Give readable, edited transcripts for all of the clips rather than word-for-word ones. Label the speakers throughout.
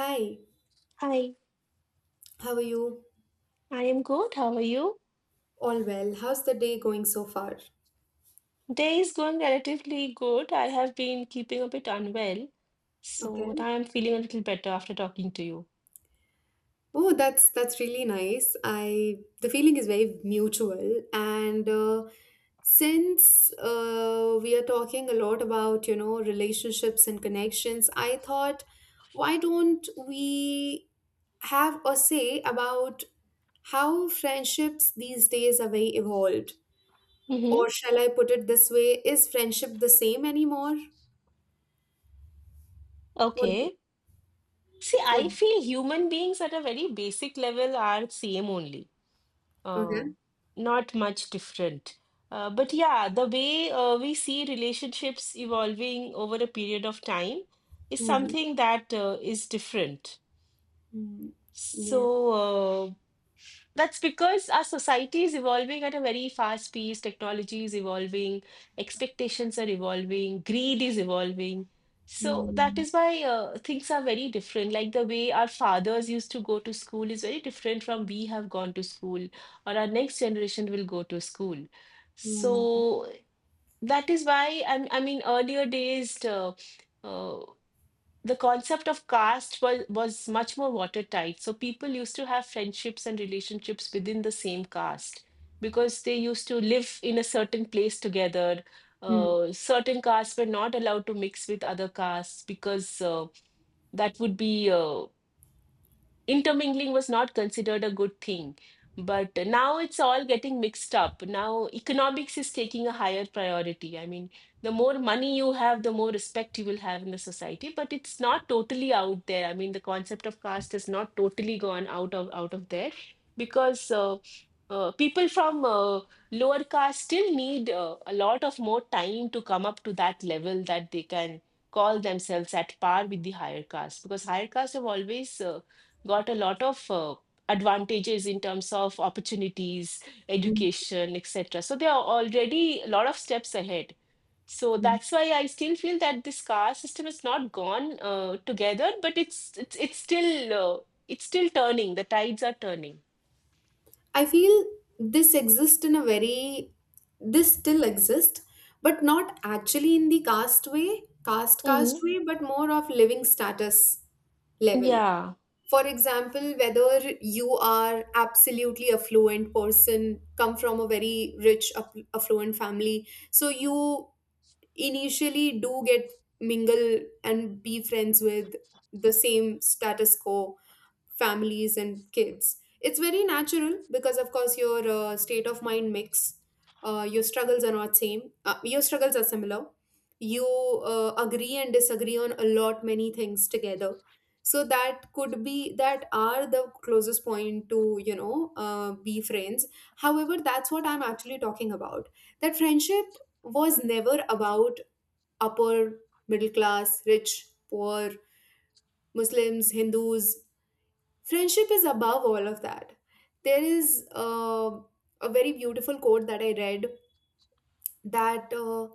Speaker 1: Hi,
Speaker 2: Hi,
Speaker 1: how are you?
Speaker 2: I am good. How are you?
Speaker 1: All well. How's the day going so far?
Speaker 2: Day is going relatively good. I have been keeping a bit unwell,
Speaker 1: Okay.
Speaker 2: so now I'm feeling a little better after talking to you.
Speaker 1: Oh, that's really nice. I the feeling is very mutual, and since we are talking a lot about relationships and connections, I thought, why don't we have a say about how friendships these days are very evolved?
Speaker 2: Mm-hmm.
Speaker 1: Or shall I put it this way, is friendship the same anymore? What
Speaker 2: Okay. See,
Speaker 1: what,
Speaker 2: I feel human beings at a very basic level are same only, uh,
Speaker 1: okay.
Speaker 2: not much different. But yeah, the way we see relationships evolving over a period of time is
Speaker 1: Mm,
Speaker 2: something that is different.
Speaker 1: mm, yes.
Speaker 2: So, uh, that's because our society is evolving at a very fast pace. Technology is evolving, expectations are evolving, greed is evolving. So that
Speaker 1: Mm,
Speaker 2: is why things are very different. Like the way our fathers used to go to school is very different from we have gone to school, or our next generation will go to school.
Speaker 1: mm,
Speaker 2: So that is why I mean, earlier days uh, the concept of caste was much more watertight. So people used to have friendships and relationships within the same caste because they used to live in a certain place together.
Speaker 1: mm,
Speaker 2: Certain castes were not allowed to mix with other castes because that would be intermingling was not considered a good thing. But now it's all getting mixed up. Now economics is taking a higher priority. I mean, the more money you have, the more respect you will have in the society. But it's not totally out there. I mean, the concept of caste has not totally gone out of there because people from lower caste still need a lot of more time to come up to that level that they can call themselves at par with the higher caste, because higher caste have always got a lot of advantages in terms of opportunities,
Speaker 1: mm,
Speaker 2: education, etc. So they are already a lot of steps ahead. So
Speaker 1: mm.
Speaker 2: that's why I still feel that this caste system is not gone together, but it's still it's still turning. The tides are turning.
Speaker 1: I feel this exists in a very, this still exists, but not actually in the caste way, caste
Speaker 2: Hmm.
Speaker 1: way, but more of living status level.
Speaker 2: Yeah.
Speaker 1: For example, whether you are absolutely affluent person, come from a very rich, affluent family, so you initially do get mingle and be friends with the same status quo families and kids. It's very natural, because of course your, state of mind mix, your struggles are not same, your struggles are similar. You agree and disagree on a lot many things together, so that could be, that are the closest point to be friends. However, that's what I'm actually talking about, that friendship was never about upper middle class, rich, poor, Muslims, Hindus. Friendship is above all of that. There is a very beautiful quote that I read, that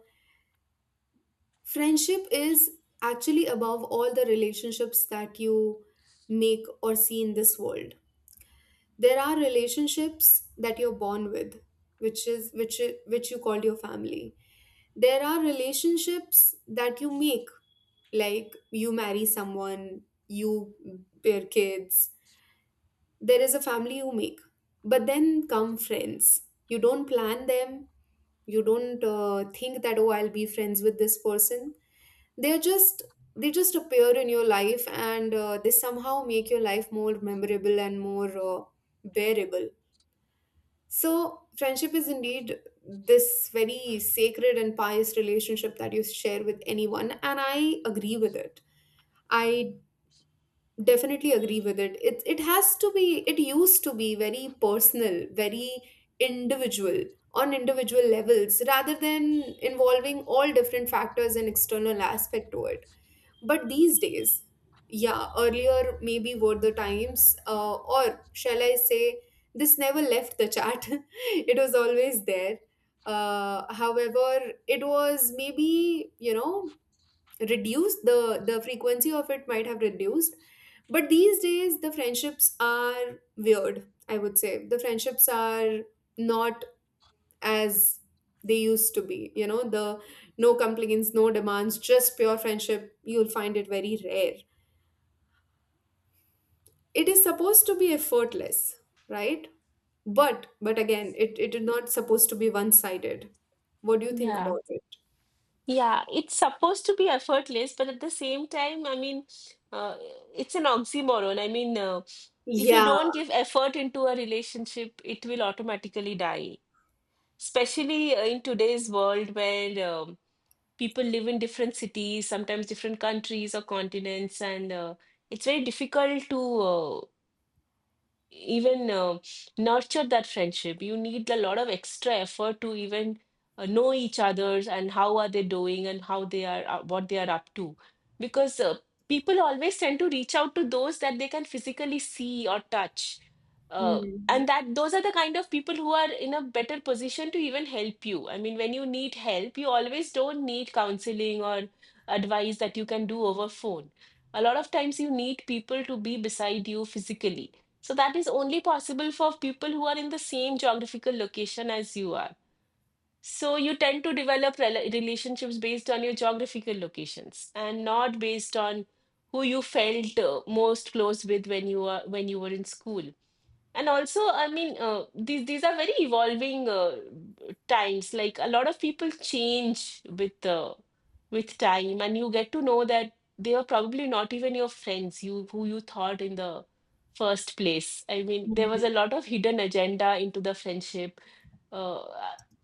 Speaker 1: friendship is actually above all the relationships that you make or see in this world. There are relationships that you're born with, which is which you called your family. There are relationships that you make, like you marry someone, you bear kids, there is a family you make. But then come friends. You don't plan them, you don't think that, oh, I'll be friends with this person. They're just they just appear in your life, and they somehow make your life more memorable and more, bearable. So friendship is indeed this very sacred and pious relationship that you share with anyone, and I agree with it. I definitely agree with it. It has to be. It used to be very personal, very individual, on individual levels, rather than involving all different factors and external aspect to it. But these days, yeah, earlier maybe were the times, or shall I say, this never left the chat it was always there, however, it was maybe, reduced. The frequency of it might have reduced. But these days the friendships are weird. I would say the friendships are not as they used to be, the, no complaints, no demands, just pure friendship. You'll find it very rare. It is supposed to be effortless, right? But again, it is not supposed to be one sided. What do you think
Speaker 2: Yeah,
Speaker 1: about it?
Speaker 2: Yeah, it's supposed to be effortless, but at the same time, I mean, uh, it's an oxymoron. I mean, if you
Speaker 1: Yeah.
Speaker 2: don't give effort into a relationship, it will automatically die. Especially in today's world where people live in different cities, sometimes different countries or continents, and it's very difficult to even nurture that friendship. You need a lot of extra effort to even know each other's and how are they doing and how they are, what they are up to, because people always tend to reach out to those that they can physically see or touch, uh,
Speaker 1: Hmm.
Speaker 2: and that those are the kind of people who are in a better position to even help you. I mean, when you need help, you always don't need counseling or advice that you can do over phone. A lot of times you need people to be beside you physically, so that is only possible for people who are in the same geographical location as you are. So you tend to develop relationships based on your geographical locations and not based on who you felt most close with when you were, when you were in school. And also, I mean, these are very evolving times. Like a lot of people change with time, and you get to know that they are probably not even your friends, you who you thought in the first place. I mean, there
Speaker 1: Hmm.
Speaker 2: was a lot of hidden agenda into the friendship. Uh,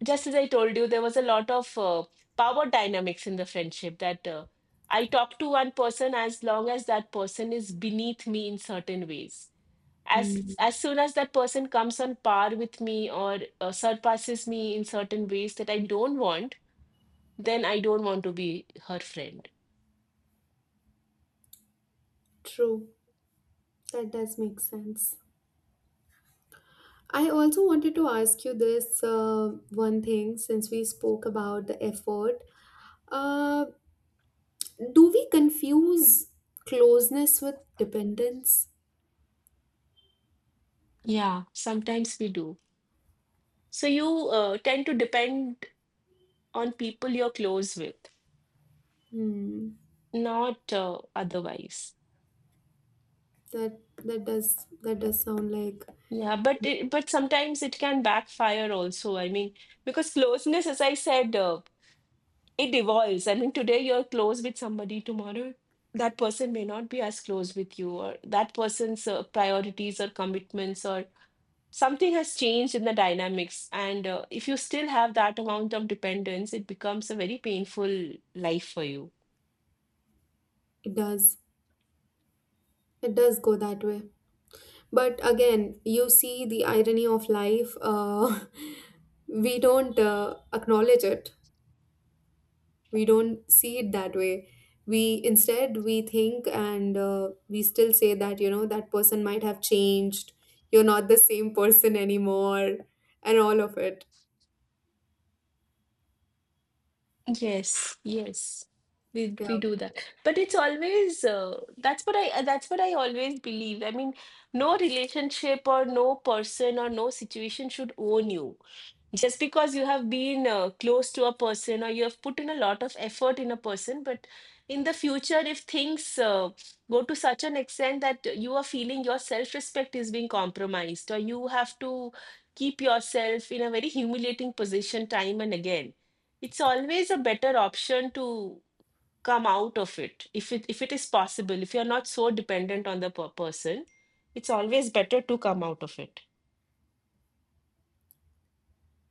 Speaker 2: just as I told you, there was a lot of power dynamics in the friendship, that I talk to one person as long as that person is beneath me in certain ways.
Speaker 1: Hmm.
Speaker 2: As soon as that person comes on par with me or surpasses me in certain ways that I don't want, then I don't want to be her friend.
Speaker 1: True. That does make sense. I also wanted to ask you this, one thing, since we spoke about the effort. Uh, do we confuse closeness with dependence?
Speaker 2: Yeah, sometimes we do. So you tend to depend on people you're close with,
Speaker 1: Hmm.
Speaker 2: not otherwise.
Speaker 1: That does sound like.
Speaker 2: Yeah, but but sometimes it can backfire also, I mean, because closeness, as I said, it evolves. I mean, today you're close with somebody, tomorrow that person may not be as close with you, or that person's priorities or commitments or something has changed in the dynamics. And if you still have that amount of dependence, it becomes a very painful life for you.
Speaker 1: It does. It does go that way. But again, you see the irony of life. We don't acknowledge it. We don't see it that way. We think, and we still say that, you know, that person might have changed, you're not the same person anymore, and all of it.
Speaker 2: Yes, yes. We do that, but it's always, that's what I always believe. I mean, no relationship or no person or no situation should own you just because you have been close to a person or you have put in a lot of effort in a person. But in the future, if things go to such an extent that you are feeling your self-respect is being compromised, or you have to keep yourself in a very humiliating position time and again, it's always a better option to come out of it. If it is possible, if you're not so dependent on the person, it's always better to come out of it.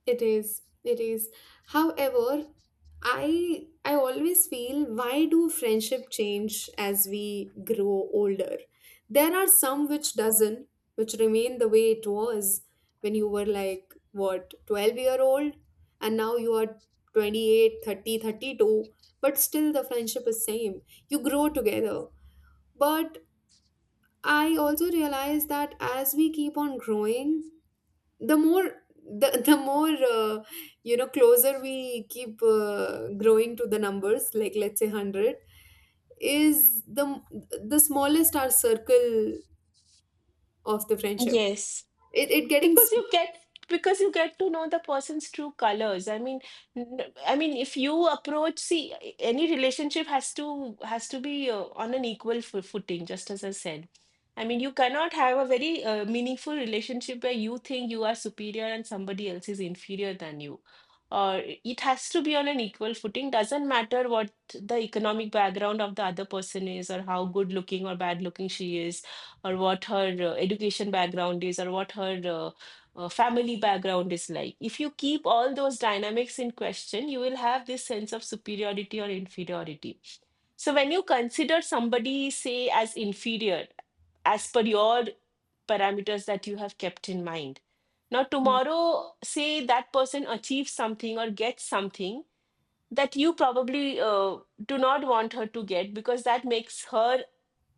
Speaker 1: It is. It is. However, I always feel, why do friendship change as we grow older? There are some which doesn't, which remain the way it was when you were, like, what, 12-year old, and now you are 28, 30, 32, but still the friendship is same. You grow together. But I also realize that as we keep on growing, the more, the more, closer we keep growing to the numbers, like let's say 100 is the smallest, our circle of the friendship.
Speaker 2: Yes,
Speaker 1: it, it getting
Speaker 2: because
Speaker 1: s-
Speaker 2: you get to know the person's true colors. I mean, I mean, if you approach see any relationship has to be on an equal footing, just as I said. I mean, you cannot have a very meaningful relationship where you think you are superior and somebody else is inferior than you. Or, it has to be on an equal footing. Doesn't matter what the economic background of the other person is, or how good looking or bad looking she is, or what her education background is, or what her family background is like. If you keep all those dynamics in question, you will have this sense of superiority or inferiority. So, when you consider somebody, say, as inferior, as per your parameters that you have kept in mind, now tomorrow, say that person achieves something or gets something that you probably do not want her to get, because that makes her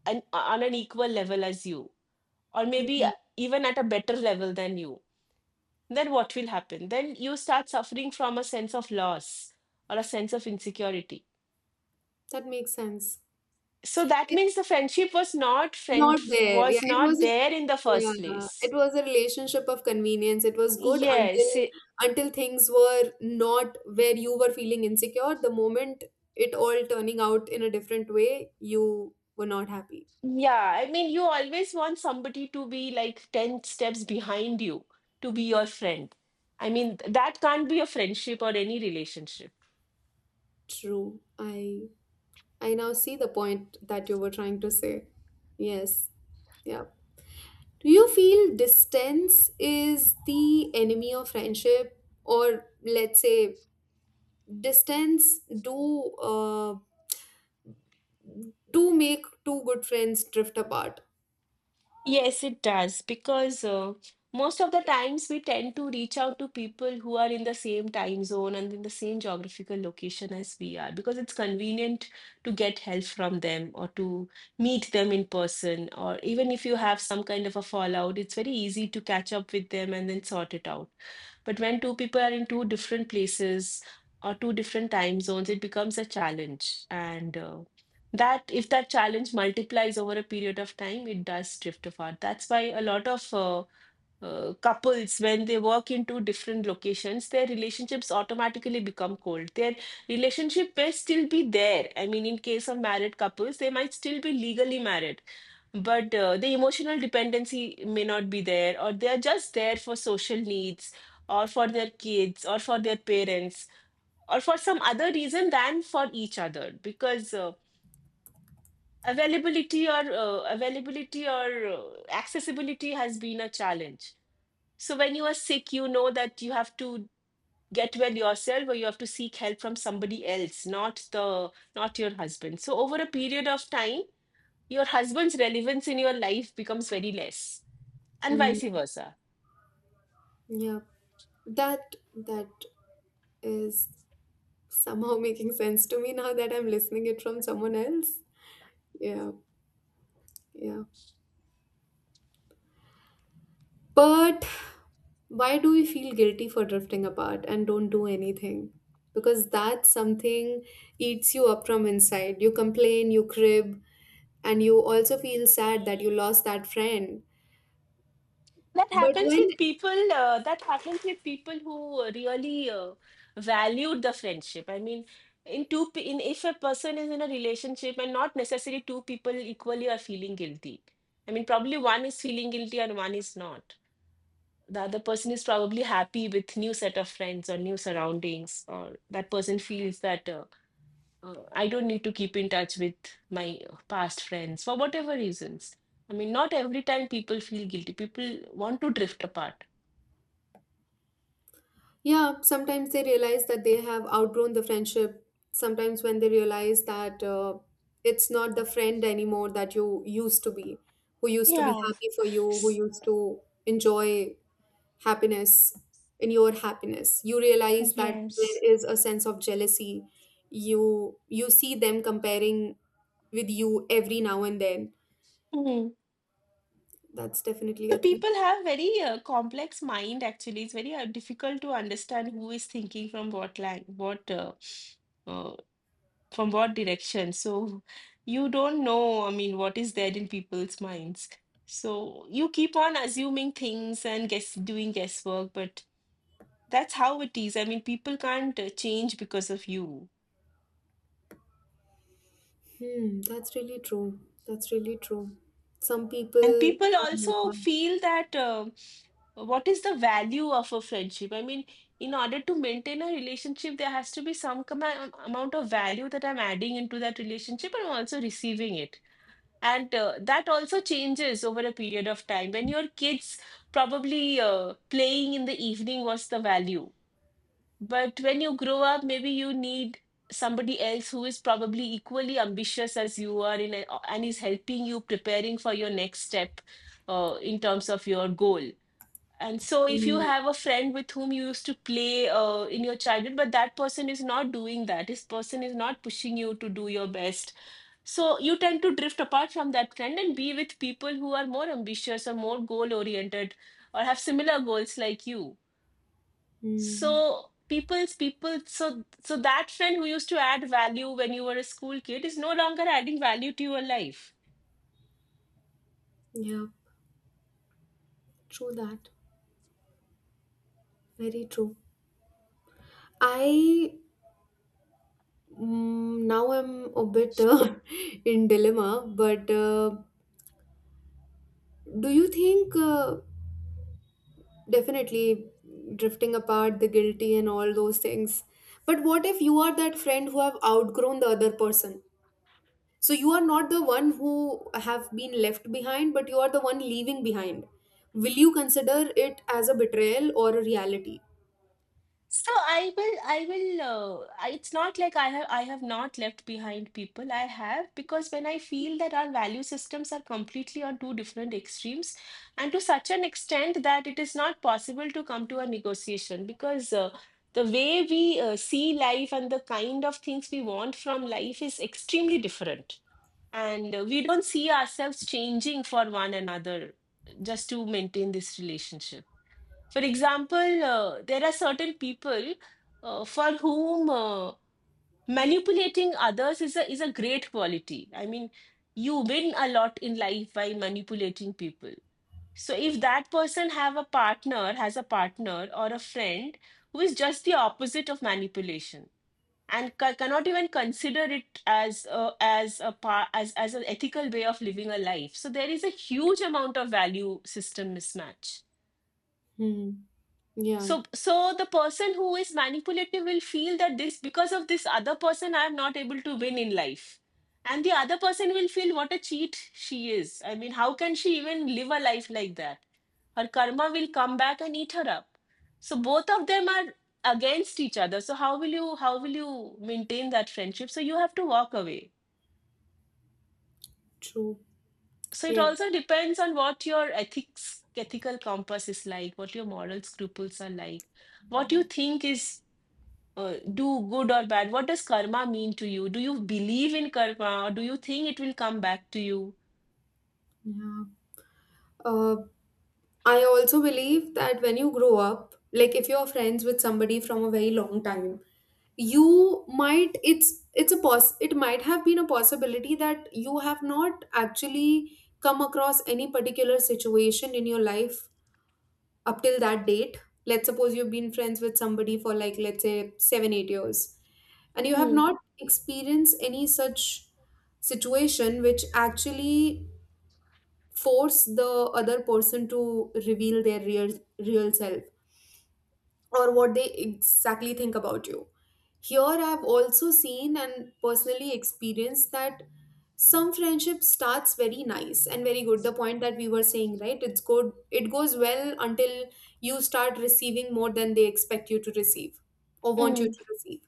Speaker 2: on an equal level as you, or maybe
Speaker 1: Mhm.
Speaker 2: even at a better level than you, then what will happen? Then you start suffering from a sense of loss or a sense of insecurity.
Speaker 1: That makes sense.
Speaker 2: So that
Speaker 1: It's
Speaker 2: means the friendship was not
Speaker 1: not
Speaker 2: friend
Speaker 1: there,
Speaker 2: was
Speaker 1: yeah, it
Speaker 2: not
Speaker 1: was.
Speaker 2: there in the first
Speaker 1: Yeah,
Speaker 2: place.
Speaker 1: it was a relationship of convenience. It was good
Speaker 2: Yes,
Speaker 1: until things were not, where you were feeling insecure. The moment it all turning out in a different way, you were not happy.
Speaker 2: yeah. I mean, you always want somebody to be like ten steps behind you to be your friend. I mean, that can't be a friendship or any relationship.
Speaker 1: True. I now see the point that you were trying to say. Yes. Yeah. Do you feel distance is the enemy of friendship, or let's say, distance do make two good friends drift apart?
Speaker 2: Yes, it does, because most of the times we tend to reach out to people who are in the same time zone and in the same geographical location as we are, because it's convenient to get help from them or to meet them in person. Or even if you have some kind of a fallout, it's very easy to catch up with them and then sort it out. But when two people are in two different places or two different time zones, it becomes a challenge. And that, if that challenge multiplies over a period of time, it does drift apart. That's why a lot of couples, when they work in two different locations, their relationships automatically become cold. Their relationship may still be there, I mean, in case of married couples they might still be legally married, but the emotional dependency may not be there, or they are just there for social needs or for their kids or for their parents or for some other reason than for each other, because availability or accessibility has been a challenge. So when you are sick, you know that you have to get well yourself or you have to seek help from somebody else, not your husband. So over a period of time, your husband's relevance in your life becomes very less, and
Speaker 1: Mm,
Speaker 2: vice versa.
Speaker 1: yeah, that is somehow making sense to me now that I'm listening it from someone else. Yeah, yeah. But why do we feel guilty for drifting apart and don't do anything? Because that something eats you up from inside. You complain, you crib, and you also feel sad that you lost that friend.
Speaker 2: that
Speaker 1: But
Speaker 2: happens
Speaker 1: when.
Speaker 2: with people uh, that happens with people who really valued the friendship. I mean, in two pe- in if a person is in a relationship, and not necessarily two people equally are feeling guilty. I mean, probably one is feeling guilty and one is not. The other person is probably happy with new set of friends or new surroundings, or that person feels that I don't need to keep in touch with my past friends for whatever reasons. I mean, not every time people feel guilty. People want to drift apart.
Speaker 1: Yeah, sometimes they realize that they have outgrown the friendship. Sometimes when they realize that, it's not the friend anymore that you used to be, who used to be
Speaker 2: Yeah.
Speaker 1: happy for you, who
Speaker 2: S-
Speaker 1: used to enjoy happiness in your happiness, you realize that
Speaker 2: Yes.
Speaker 1: there is a sense of jealousy. You see them comparing with you every now and then.
Speaker 2: Mm.
Speaker 1: That's definitely
Speaker 2: The
Speaker 1: a thing.
Speaker 2: people have very complex mind, actually. It's very difficult to understand who is thinking from what line, what uh, from what direction. So you don't know, I mean, what is there in people's minds. So you keep on assuming things and guess doing guesswork, but that's how it is. I mean, people can't change because of you.
Speaker 1: Hmm, that's really true. That's really true. Some
Speaker 2: And
Speaker 1: people
Speaker 2: people
Speaker 1: are like
Speaker 2: also
Speaker 1: that.
Speaker 2: feel that. What is the value of a friendship? I mean, in order to maintain a relationship, there has to be some amount of value that I'm adding into that relationship and I'm also receiving it. And that also changes over a period of time. When your kids probably playing in the evening was the value. But when you grow up, maybe you need somebody else who is probably equally ambitious as you are and is helping you preparing for your next step in terms of your goal, and so, if you
Speaker 1: Hmm.
Speaker 2: have a friend with whom you used to play in your childhood, but that person is not doing that, this person is not pushing you to do your best. So, you tend to drift apart from that friend and be with people who are more ambitious or more goal oriented, or have similar goals like you.
Speaker 1: Mm,
Speaker 2: So, so that friend who used to add value when you were a school kid is no longer adding value to your life.
Speaker 1: yeah, true that. Very true. I, now am a bit in dilemma, but do you think, definitely drifting apart, the guilty, and all those things? But what if you are that friend who have outgrown the other person? So you are not the one who have been left behind, but you are the one leaving behind. Will you consider it as a betrayal or a reality?
Speaker 2: So I will. It's not like I have not left behind people. I have, because when I feel that our value systems are completely on two different extremes, and to such an extent that it is not possible to come to a negotiation because the way we see life and the kind of things we want from life is extremely different, and we don't see ourselves changing for one another just to maintain this relationship. For example, there are certain people for whom manipulating others is a great quality. I mean, you win a lot in life by manipulating people. So if that person has a partner or a friend who is just the opposite of manipulation and cannot even consider it as as an ethical way of living a life. So there is a huge amount of value system mismatch.
Speaker 1: Hmm. Yeah,
Speaker 2: So the person who is manipulative will feel that because of this other person, I am not able to win in life. And the other person will feel what a cheat she is. I mean, how can she even live a life like that? Her karma will come back and eat her up. So both of them are against each other. So how will you maintain that friendship? So you have to walk away.
Speaker 1: true.
Speaker 2: So it
Speaker 1: Yes.
Speaker 2: also depends on what your ethics ethical compass is like, what your moral scruples are like, what you think is do good or bad? What does karma mean to you? Do you believe in karma or do you think it will come back to you?
Speaker 1: Yeah. Uh, I also believe that when you grow up, like if you're friends with somebody from a very long time, you might it's a poss it might have been a possibility that you have not actually come across any particular situation in your life up till that date. Let's suppose you've been friends with somebody for like, let's say, 7, 8 years, and you have
Speaker 2: Hmm.
Speaker 1: not experienced any such situation which actually force the other person to reveal their real self, or what they exactly think about you here. I've also seen and personally experienced that some friendship starts very nice and very good, the point that we were saying, right? It's good, it goes well until you start receiving more than they expect you to receive, or want you
Speaker 2: Hmm.
Speaker 1: to receive.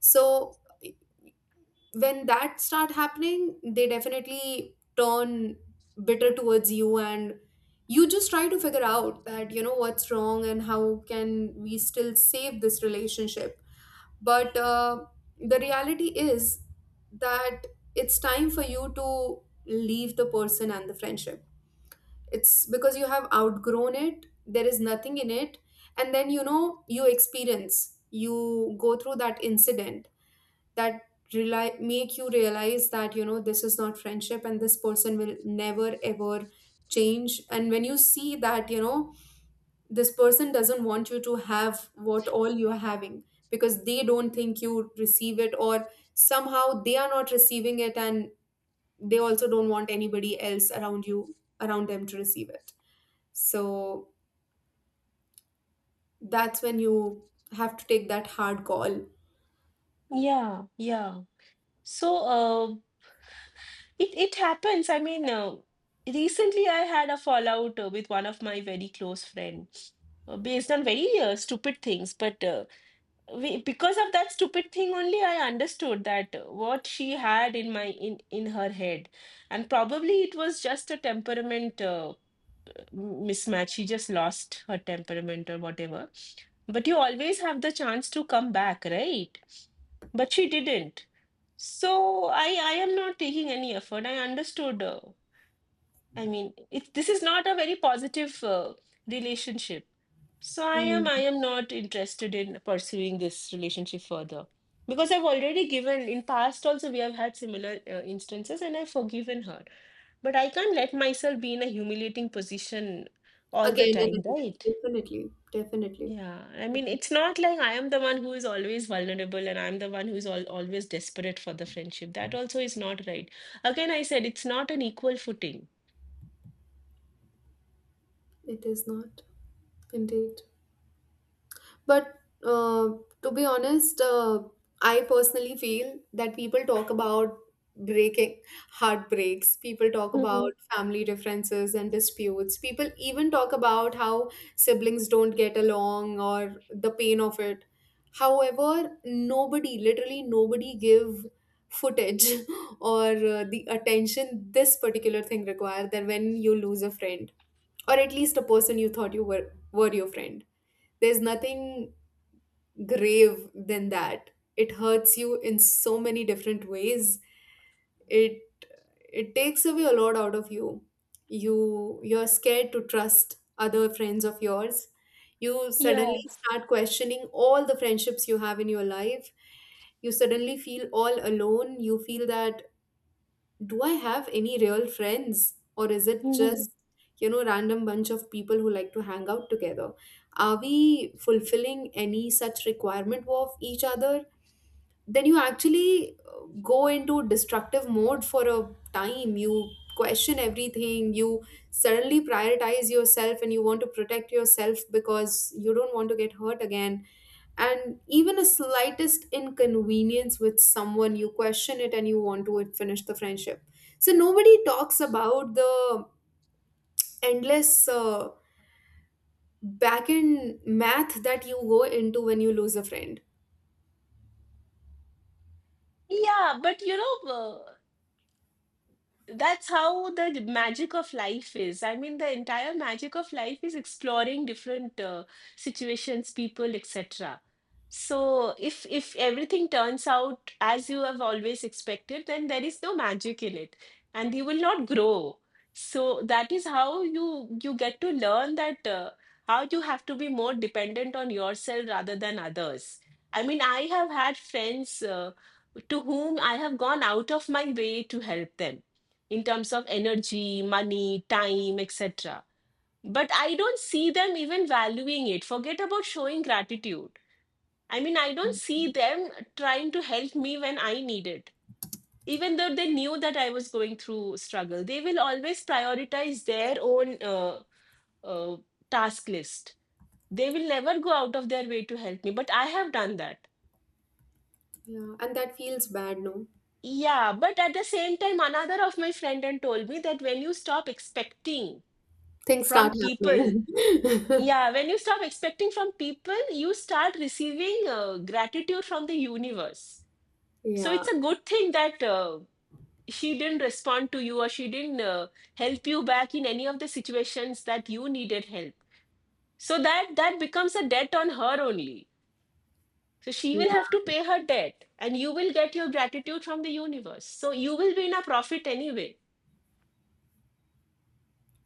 Speaker 1: So when that start happening, they definitely turn bitter towards you, and you just try to figure out that, you know, what's wrong and how can we still save this relationship. But the reality is that it's time for you to leave the person and the friendship. It's because you have outgrown it, there is nothing in it. And then, you go through that incident that rely make you realize that, this is not friendship, and this person will never ever change. And when you see that, this person doesn't want you to have what all you're having, because they don't think you receive it, or somehow they are not receiving it. And they also don't want anybody else around them to receive it. So that's when you have to take that hard call.
Speaker 2: Yeah, yeah. So it happens. I mean, recently I had a fallout with one of my very close friends. Based on very stupid things, but because of that stupid thing only, I understood that what she had in my in her head, and probably it was just a temperament mismatch. She just lost her temperament or whatever. But you always have the chance to come back, right? But she didn't. So I am not taking any effort. I understood. I mean, this is not a very positive relationship. So
Speaker 1: Hmm.
Speaker 2: I am not interested in pursuing this relationship further because I've already given, in past also we have had similar instances and I've forgiven her. But I can't let myself be in a humiliating position all the
Speaker 1: Again and
Speaker 2: time,
Speaker 1: again,
Speaker 2: right?
Speaker 1: definitely, definitely.
Speaker 2: Yeah. I mean, it's not like I am the one who is always vulnerable and I'm the one who is al always desperate for the friendship. That also is not right. Again, I said it's not an equal footing.
Speaker 1: It is not, indeed. But uh, to be honest, I personally feel that people talk about breaking heartbreaks, people talk about
Speaker 2: Mhm.
Speaker 1: family differences and disputes, people even talk about how siblings don't get along or the pain of it. However, nobody, literally nobody, give footage or the attention this particular thing require, that when you lose a friend, or at least a person you thought you were your friend, there's nothing grave than that. It hurts you in so many different ways. it it takes away a lot out of you. You're scared to trust other friends of yours. You suddenly
Speaker 2: Yeah.
Speaker 1: start questioning all the friendships you have in your life. You suddenly feel all alone. You feel that, do I have any real friends, or is it
Speaker 2: Mhm.
Speaker 1: just, random bunch of people who like to hang out together? Are we fulfilling any such requirement of each other? Then you actually go into destructive mode for a time. You question everything. You suddenly prioritize yourself and you want to protect yourself because you don't want to get hurt again. And even a slightest inconvenience with someone, you question it and you want to finish the friendship. So nobody talks about the endless back end math that you go into when you lose a friend.
Speaker 2: Yeah, but you know, that's how the magic of life is. I mean, the entire magic of life is exploring different situations, people, etc. So if everything turns out as you have always expected, then there is no magic in it, and you will not grow. So that is how you get to learn that how you have to be more dependent on yourself rather than others. I mean, I have had friends to whom I have gone out of my way to help them in terms of energy, money, time, etc. But I don't see them even valuing it. Forget about showing gratitude. I mean, I don't see them trying to help me when I need it. Even though they knew that I was going through struggle, they will always prioritize their own uh, task list. They will never go out of their way to help me, but I have done that.
Speaker 1: Yeah, and that feels bad, no.
Speaker 2: Yeah, but at the same time, another of my friend and told me that
Speaker 1: Things start
Speaker 2: from people,
Speaker 1: happening
Speaker 2: yeah, when you stop expecting from people, you start receiving gratitude from the universe. So
Speaker 1: yeah,
Speaker 2: it's a good thing that she didn't respond to you or she didn't help you back in any of the situations that you needed help, so that that becomes a debt on her only, so she will have to
Speaker 1: yeah,
Speaker 2: pay her debt and you will get your gratitude from the universe, so you will be in a profit anyway.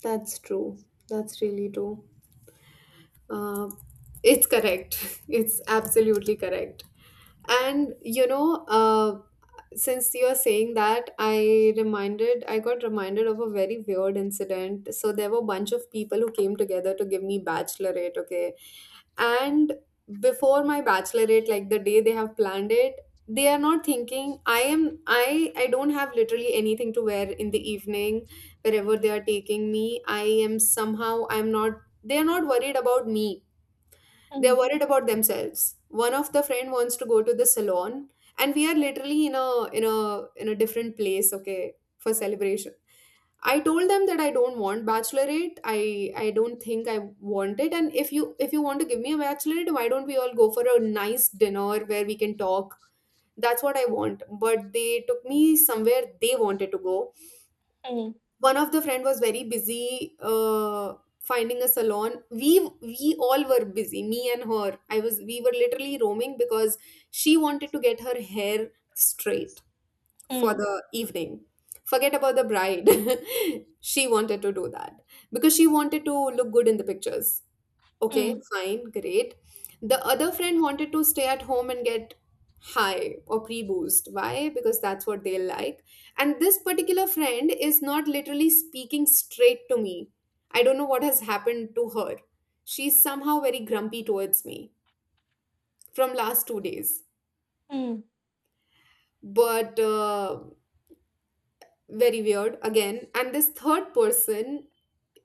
Speaker 1: that's true, that's really true. Uh, it's correct. It's absolutely correct. And you know, uh, since you're saying that, I got reminded of a very weird incident. So there were a bunch of people who came together to give me bachelorette, okay? And before my bachelorette, like the day they have planned it, they are not thinking I am I don't have literally anything to wear in the evening wherever they are taking me. I am somehow I'm not they are not worried about me, they're
Speaker 2: Hmm,
Speaker 1: worried about themselves. One of the friend wants to go to the salon, and we are literally in a in a different place, okay, for celebration. I told them that I don't want bachelorette, I don't think I want it. And if you want to give me a bachelorette, why don't we all go for a nice dinner where we can talk? That's what I want, but they took me somewhere they wanted to go.
Speaker 2: hmm,
Speaker 1: One of the friend was very busy finding a salon. We all were busy, me and her. I was We were literally roaming because she wanted to get her hair straight for
Speaker 2: hmm,
Speaker 1: the evening. Forget about the bride. She wanted to do that because she wanted to look good in the pictures. Okay,
Speaker 2: hmm,
Speaker 1: fine, great. The other friend wanted to stay at home and get high or pre boost. Why? Because that's what they like. And this particular friend is not literally speaking straight to me. I don't know what has happened to her. She's somehow very grumpy towards me from last 2 days.
Speaker 2: hmm.
Speaker 1: But very weird again. And this third person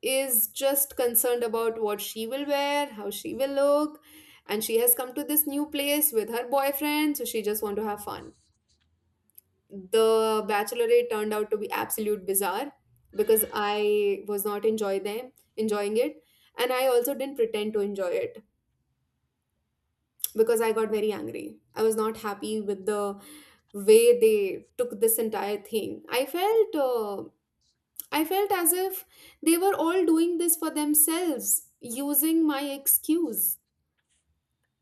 Speaker 1: is just concerned about what she will wear, how she will look, and she has come to this new place with her boyfriend, so she just want to have fun. The bachelorette turned out to be absolute bizarre because I was not enjoy them enjoying it, and I also didn't pretend to enjoy it because I got very angry. I was not happy with the way they took this entire thing. Uh, I felt as if they were all doing this for themselves, using my excuse.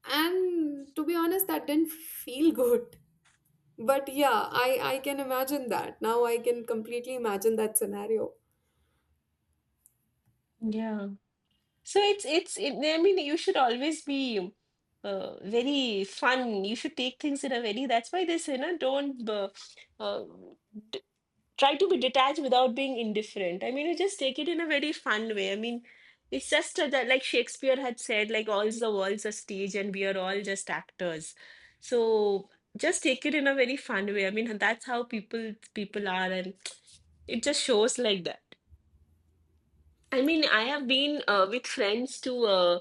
Speaker 1: And to be honest, that didn't feel good. But yeah, I can imagine that. Now I can completely imagine that scenario.
Speaker 2: Yeah, so I mean you should always be very fun, you should take things in a very, that's why they say, no, don't uh, d- try to be detached without being indifferent. I mean, you just take it in a very fun way. I mean, it's just like Shakespeare had said, like all the world's a stage and we are all just actors. So just take it in a very fun way. I mean, that's how people are, and it just shows like that. I mean, I have been with friends to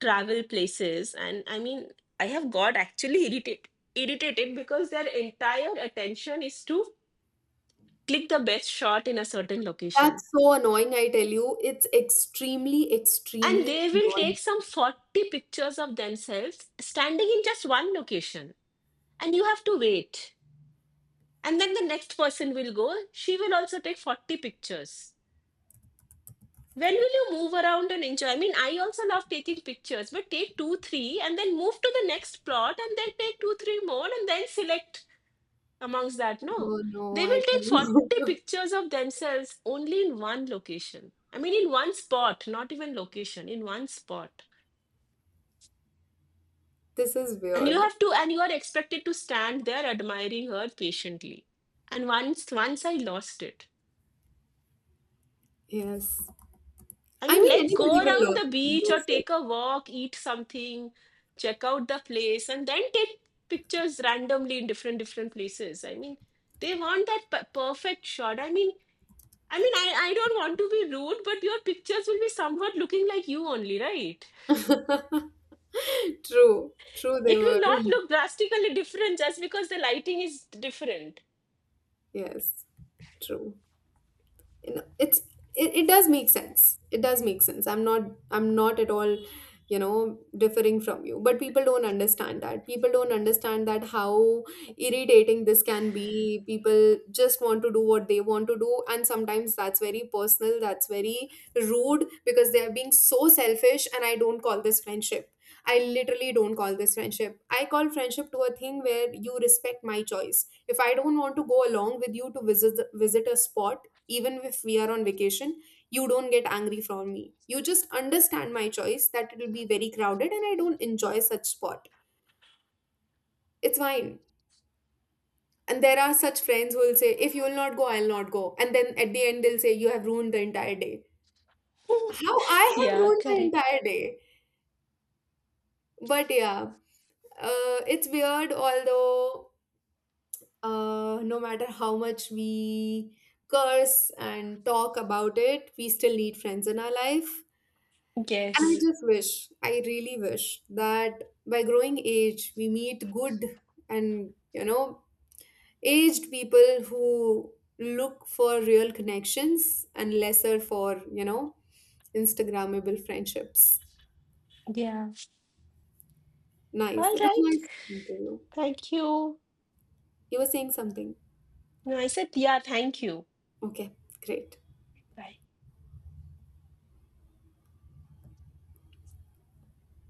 Speaker 2: travel places, and I mean, I have got actually irritated because their entire attention is to click the best shot in a certain
Speaker 1: That's
Speaker 2: location,
Speaker 1: so annoying, I tell you. It's extremely,
Speaker 2: and
Speaker 1: extremely
Speaker 2: they will take
Speaker 1: annoying.
Speaker 2: some 40 pictures of themselves standing in just one location, and you have to wait, and then the next person will go, she will also take 40 pictures. When will you move around and enjoy? I mean, I also love taking pictures, but take two three and then move to the next plot, and then take two three more and then select amongst that. No,
Speaker 1: Oh no,
Speaker 2: they
Speaker 1: I
Speaker 2: will
Speaker 1: tell
Speaker 2: take
Speaker 1: you.
Speaker 2: 40 pictures of themselves only in one location, I mean in one spot, not even location, in one spot.
Speaker 1: This is
Speaker 2: And you
Speaker 1: weird.
Speaker 2: have to, and you are expected to stand there admiring her patiently, and once, once I lost it.
Speaker 1: Yes.
Speaker 2: I
Speaker 1: I
Speaker 2: mean,
Speaker 1: mean,
Speaker 2: let's go
Speaker 1: anybody will
Speaker 2: around the beach or
Speaker 1: lose
Speaker 2: take a walk, eat something, check out the place, and then take pictures randomly in different different places. I mean, they want that perfect shot. I mean, I mean, I don't want to be rude, but your pictures will be somewhat looking like you only, right?
Speaker 1: it. True. True, they
Speaker 2: It
Speaker 1: were.
Speaker 2: will not look drastically different just because the lighting is different.
Speaker 1: Yes, true. You know, it's it does make sense. It does make sense. I'm not at all, you know, differing from you, but people don't understand that how irritating this can be. People just want to do what they want to do, and sometimes that's very personal, that's very rude because they are being so selfish. And I don't call this friendship, I literally don't call this friendship. I call friendship to a thing where you respect my choice. If I don't want to go along with you to visit a spot, even if we are on vacation, you don't get angry from me. You just understand my choice that it'll be very crowded and I don't enjoy such spot. It's fine. And there are such friends who will say, if you will not go, I'll not go, and then at the end they'll say you have ruined the entire day. How I have
Speaker 2: Yeah,
Speaker 1: ruined the
Speaker 2: correct.
Speaker 1: entire day? But yeah, it's weird. Although no matter how much we curse and talk about it, we still need friends in our life. And I
Speaker 2: Yes.
Speaker 1: just wish, I really wish that by growing age, we meet good and, you know, aged people who look for real connections and lesser for, you know, Instagrammable friendships.
Speaker 2: Yeah.
Speaker 1: Nice.
Speaker 2: All
Speaker 1: It was
Speaker 2: right.
Speaker 1: nice talking to you.
Speaker 2: Thank you.
Speaker 1: You were saying something.
Speaker 2: No, I said, yeah, thank you.
Speaker 1: Okay, great.
Speaker 2: Bye.